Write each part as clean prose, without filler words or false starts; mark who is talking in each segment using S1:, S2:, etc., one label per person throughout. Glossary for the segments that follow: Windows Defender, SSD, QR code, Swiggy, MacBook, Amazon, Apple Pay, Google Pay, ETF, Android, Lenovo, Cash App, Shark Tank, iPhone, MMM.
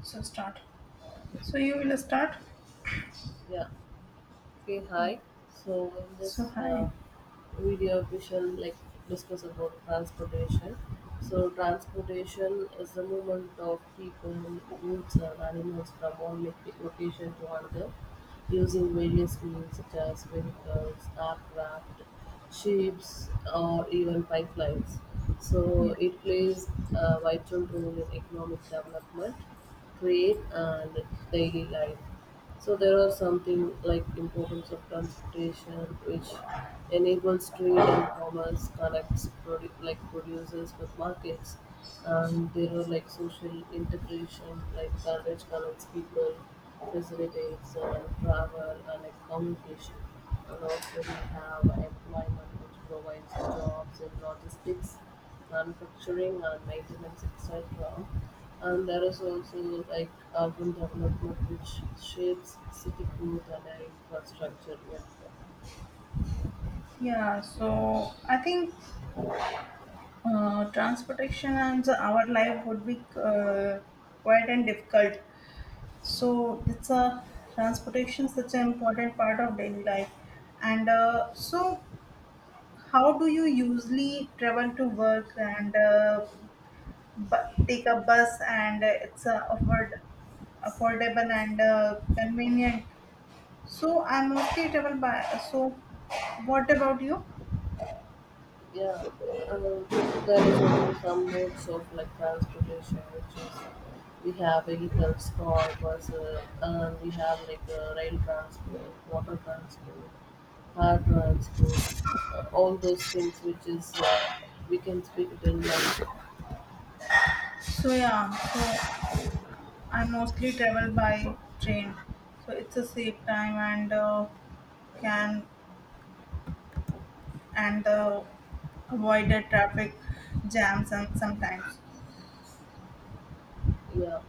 S1: So start. So you will start.
S2: Yeah. Okay. Hi. So in this
S1: So hi.
S2: uh, video, we shall like discuss about transportation. So transportation is the movement of people, goods, and animals from location to another using various means such as vehicles, aircraft, ships, or even pipelines.
S1: Yeah.
S2: So it plays a vital role in economic development, trade, and daily life. So there are something like importance of transportation, which enables trade and commerce, connects like producers with markets, and there are like social integration, like garbage connects people, facilitates travel and like, communication, and also we have employment, which provides jobs and logistics manufacturing and maintenance, etc. And there is also like urban development, which shapes city growth and infrastructure. Yeah,
S1: Yeah. So I think, transportation and our life would be, quite and difficult. So it's a transportation such an important part of daily life. And so how do you usually travel to work, and take a bus, and it's affordable and convenient. So I'm mostly travel by. So what about you?
S2: yeah. There is also some modes of like transportation, which is we have vehicles, car, bus, and we have like rail transport, water transport, air transport, all those things, which is we can speak it in like
S1: So yeah. So I mostly travel by train. So it's a safe time and, can, and avoid the traffic jams and sometimes.
S2: yeah.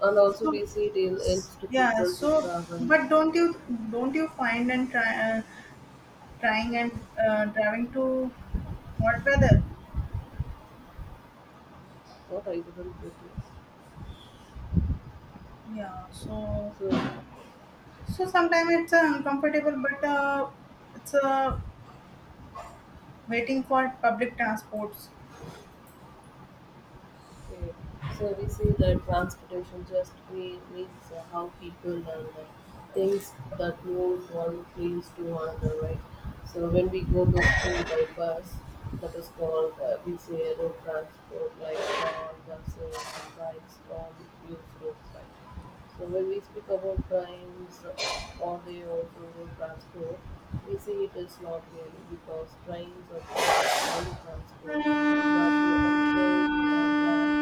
S2: And also
S1: So
S2: we see it helps to
S1: yeah.
S2: people to
S1: So
S2: travel.
S1: but don't you find and try, trying and driving to hot weather?
S2: What, I couldn't get it.
S1: Yeah. So
S2: So
S1: so sometimes it's uncomfortable, but it's a waiting for public transports.
S2: mm. So we see that transportation just means how people and things that move one place to another, right? So when we go to school by bus, that is called we say road transport, like cars, buses, and bikes all use roads, right? So when we speak about trains, or they also road transport, we see it is not really because trains are part of all transport but they also move on land,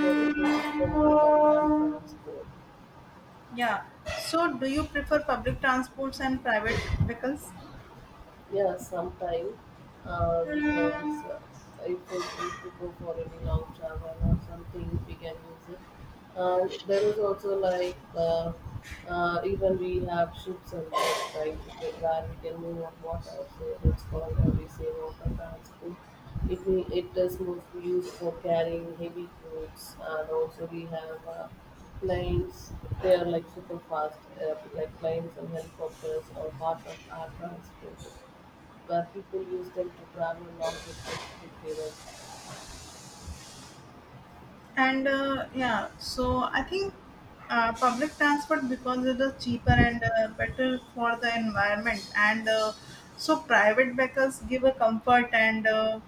S2: so it is called the land transport.
S1: Yeah. So, do you prefer public transports and private vehicles?
S2: Yeah, sometime because if we go for any long travel or something, we can use it. And there is also like even we have ships and boats, right, where we can move on water. So it's called we say water transport. It is mostly used for carrying heavy goods, and also we have planes. They are like super fast, like planes and helicopters are part of air transport where people use them to travel long distance quickly, right?
S1: And yeah, so I think, public transport because it is cheaper and better for the environment. And so private vehicles give a comfort and, uh,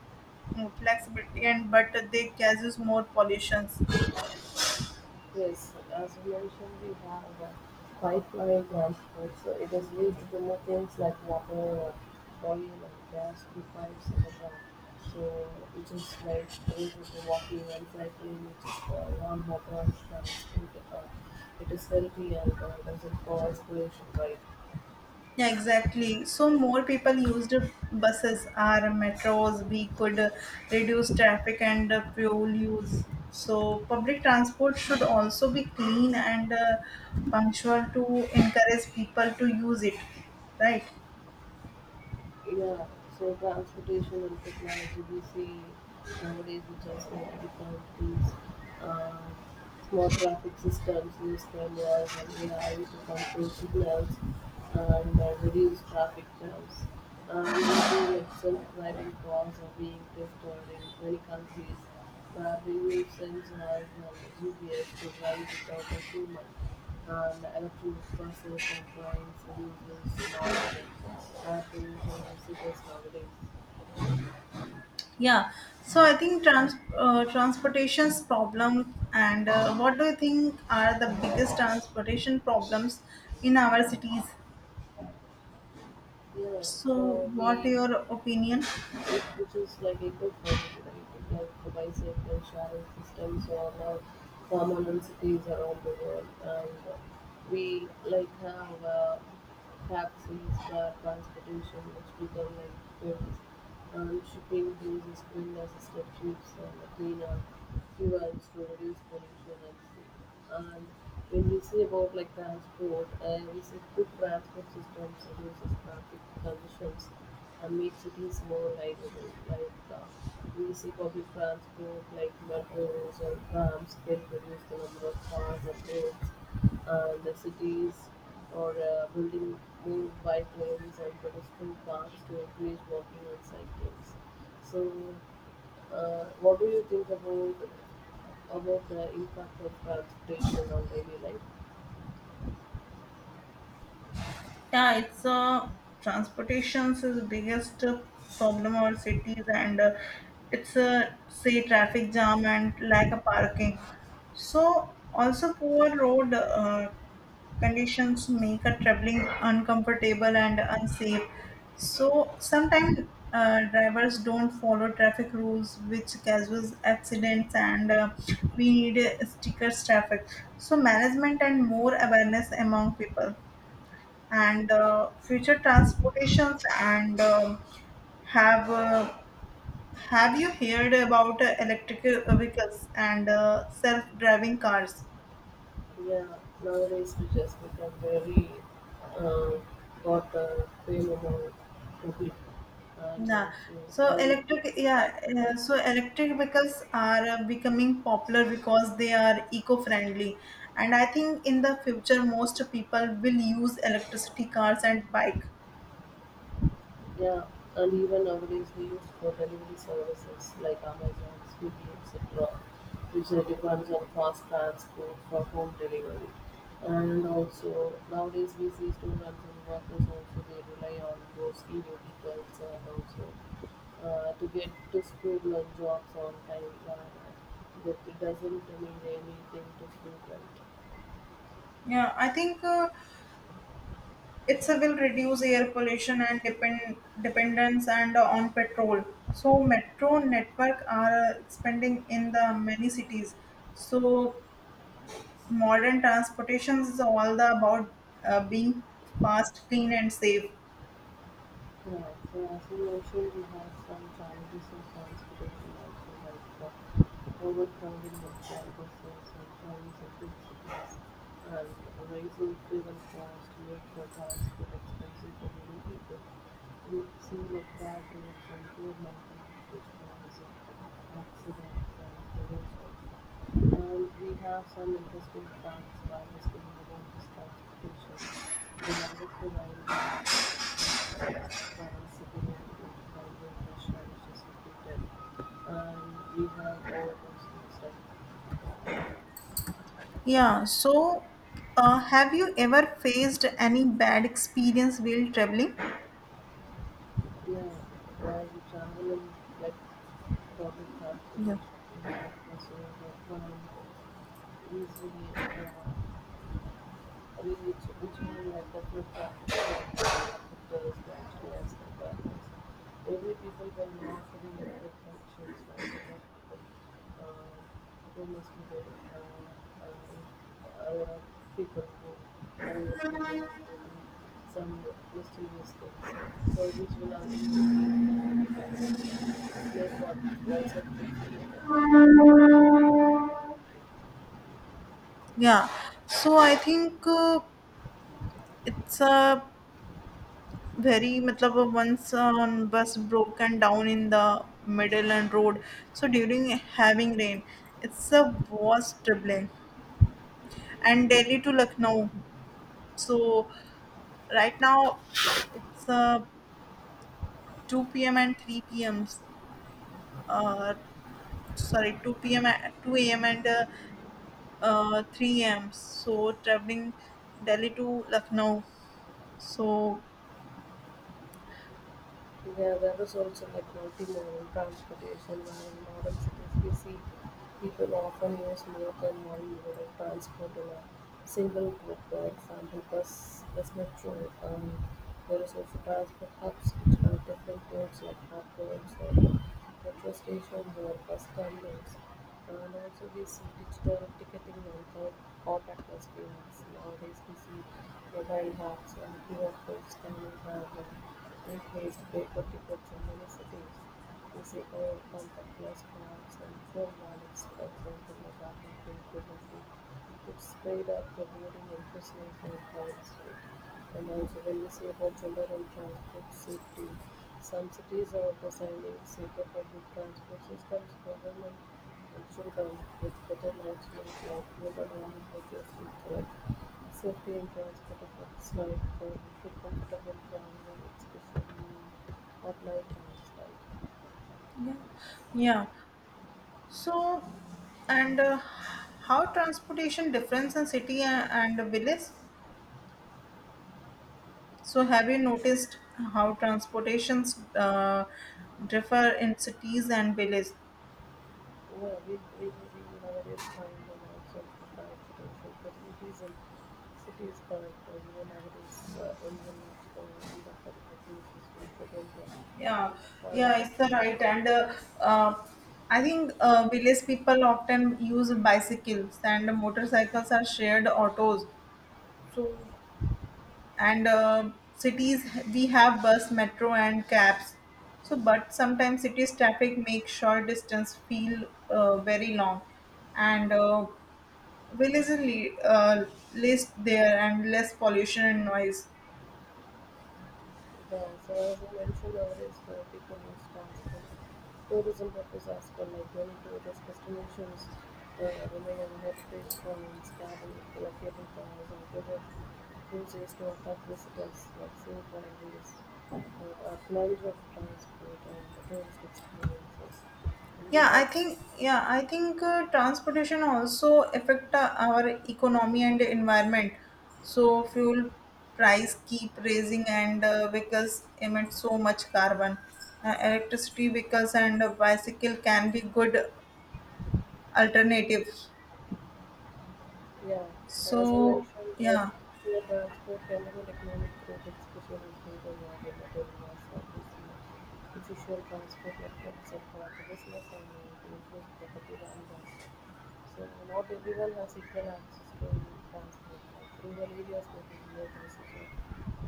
S1: mm, flexibility, and but they causes more pollutions.
S2: Yes, as you mentioned, we have quite wide transport, so it is used to move things like water, or oil, and gas through pipes and the ground. So it is like used to walking and cycling, which is for non-motorized transport. It is healthy and doesn't cause pollution, right?
S1: Yeah, exactly. So more people used buses or metros. We could reduce traffic and fuel use. So public transport should also be clean and punctual to encourage people to use it, right?
S2: Yeah, so transportation and technology we see nowadays, which is like the countries, uh, smart traffic systems use cameras and AI to control signals and reduce traffic jams. And we see like self-driving cars are being tested in many countries driving new sensors and GPS to drive without a human, and electronic buses are planes reduces noise and air pollution in cities nowadays.
S1: Yeah. So I think transportation's problem, and what do you think are the biggest transportation problems in our cities?
S2: Yeah,
S1: So
S2: so
S1: what
S2: we
S1: your opinion?
S2: it which is like eco-friendly, right? Like the bicycle sharing systems are now common in cities around the world, and we like have taxis, car transportation, which become like famous. Shipping fees is green as substitutes and clean up fuels to reduce pollution at sea. And when we see about like transport, we see good transport systems reduces traffic conditions and make cities more livable. Like we see public transport like metros or trams can reduce the number of cars and roads the cities or building more bike lanes and pedestrian paths to encourage walking and cyclists. So, what do you think about the impact of transportation on daily life?
S1: Yeah, it's transportation's is the biggest problem our cities, and it's say traffic jam and lack of parking. So also poor road conditions make a traveling uncomfortable and unsafe. So sometimes drivers don't follow traffic rules, which causes accidents, and we need stickers traffic. So management and more awareness among people, and future transportations. And have, have you heard about electric vehicles and self driving cars?
S2: Yeah, nowadays we just become very uh, got a fame about COVID, and
S1: Yeah.
S2: also
S1: So
S2: nowadays
S1: electric,
S2: people
S1: yeah,
S2: start to buy.
S1: so electric vehicles are becoming popular because they are eco friendly, and I think in the future most people will use electricity cars and bike.
S2: Yeah, and even nowadays we use for delivery services like Amazon, Swiggy, etc., which depends on fast transport for home delivery. And also nowadays we see students and workers also they rely on those e-vehicles and also to get to school and jobs on time. That it doesn't mean anything to frequent.
S1: Yeah, I think, it's a will reduce air pollution and dependence and on petrol. So metro network are expanding in the many cities. So modern transportation is all the about being fast, clean, and safe.
S2: Yeah. So as you mentioned, we have some challenges in transportation also, like overcrowding of all buses and trains in big cities, and rising fuel costs make the transport expensive for many people. We see like bad roads and poor maintenance, which causes accidents and collisions also. And we have some interesting facts while discussing about this transportation. The longest the railway line that we finance civilian and national which is included. And we have all those kind of stuff.
S1: Yeah. So, have you ever faced any bad experience while traveling?
S2: Yeah, while we travel in like public
S1: Yeah.
S2: transportation, it's like bus or easily uh, I mean, it's originally like that looked after some doctors, volunteers, and doctors. Every people were not with their functions, right? Uh, there must be the, uh, uh, uh, People who will be do some mysterious things. So which will ultimately uh, make all, also the field.
S1: Yeah. So I think it's a very matlab. Once one bus broken down in the middle and road, so during having rain, it's the worst traveling, and Delhi to Lucknow. So right now it's 2 p.m and 3 p.m. uh, Sorry, 2 p.m, 2 a.m and, 3 a.m. So traveling Delhi to Lucknow. So
S2: There is also like multimodal transportation, where in modern cities we see people often use more than one mode of transport in a single group. For example, bus metro. There is also transport hubs, which have different modes like hub roads or metro stations or bus terminals, and also this digital ticketing and contactless payments. Nowadays we see mobile apps and QR code scanning have replaced paper tickets in many cities. We see all contactless cards and phone wallets, for example, like Apple Pay, Google Pay. It sped up the building and personal phone cards, right? And also when we say about general and transport safety, some cities are designing safer public transport systems. Government should come with better management like urban and bridges with safety and transport effects like good comfortable travel, especially at night times, right?
S1: yeah. Yeah. So, and how transportation difference in city and village? So, have you noticed how transportations differ in cities and village?
S2: Well, you know, it is fine when I can't provide for those things, but nowadays, everyone is going under political reasons, we couldn't,
S1: Yeah,
S2: find
S1: yeah,
S2: the
S1: it's the
S2: most.
S1: right. And uh, I think, village people often use bicycles and motorcycles are shared autos. So, and cities we have bus metro and cabs. So but sometimes cities traffic makes short distance feel very long, and villages are least there, and less pollution and noise.
S2: Yeah, so as you mentioned, nowadays people use transport tourism purpose as well, like many tourist destinations rely heritage trains, cabin, like cable cars, and river cruises to attract visitors, like scenic highways, a plunge of transport and tourist experiences. And we
S1: yeah i
S2: have.
S1: think yeah i think transportation also affect our economy and environment. So fuel price keep raising, and vehicles emit so much carbon. Electricity vehicles and bicycle can be good alternatives.
S2: Yeah. So as you
S1: So
S2: mentioned,
S1: yeah.
S2: poor transport can have an economic growth, especially in rural areas that are less obviously efficient transport networks across the business and to improve property values. So not everyone has equal access to transport. Like rural areas may be near accessible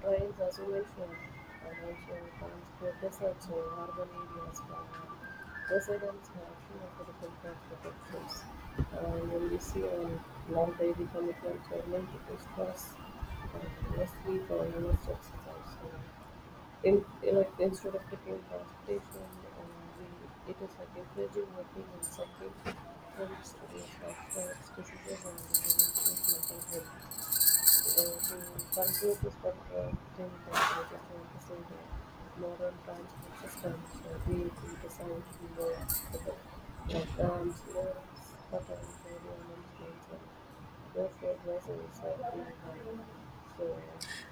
S2: trains, as you mentioned, and also transport deserts or urban areas. For residents have few affordable transport options, and when we see on long daily commitments or multiple stops, less sleep or less exercise. So, in like instead of taking transportation, it is like encouraging working and cycling helps reduce lifestyle diseases and improve mental health. To conclude this particular thing that we just want to say that modern transport systems need to designed to be more accessible for trams, lifts, buttons, audio announcements, and therefore vessels being hard. So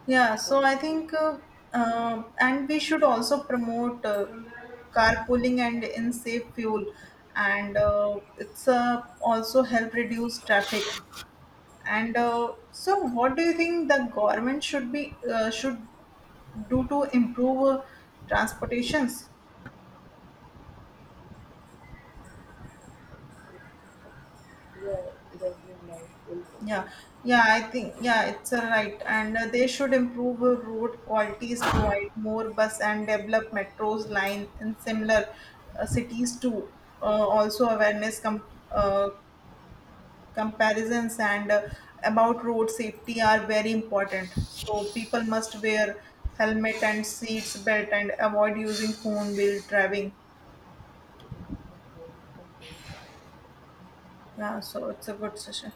S1: Yeah,
S2: that
S1: so I
S2: is
S1: think, and we should also promote carpooling and in safe fuel, and it's also help reduce traffic. And so, what do you think the government should be, should do to improve transportations?
S2: yeah, it has been my input.
S1: Yeah, yeah, I think, yeah, it's a right. And they should improve road qualities, provide more bus and develop metros line in similar cities too. Also awareness uh, comparisons and about road safety are very important. So people must wear helmet and seats belt and avoid using phone while driving.
S2: Okay.
S1: Yeah, so it's a good session.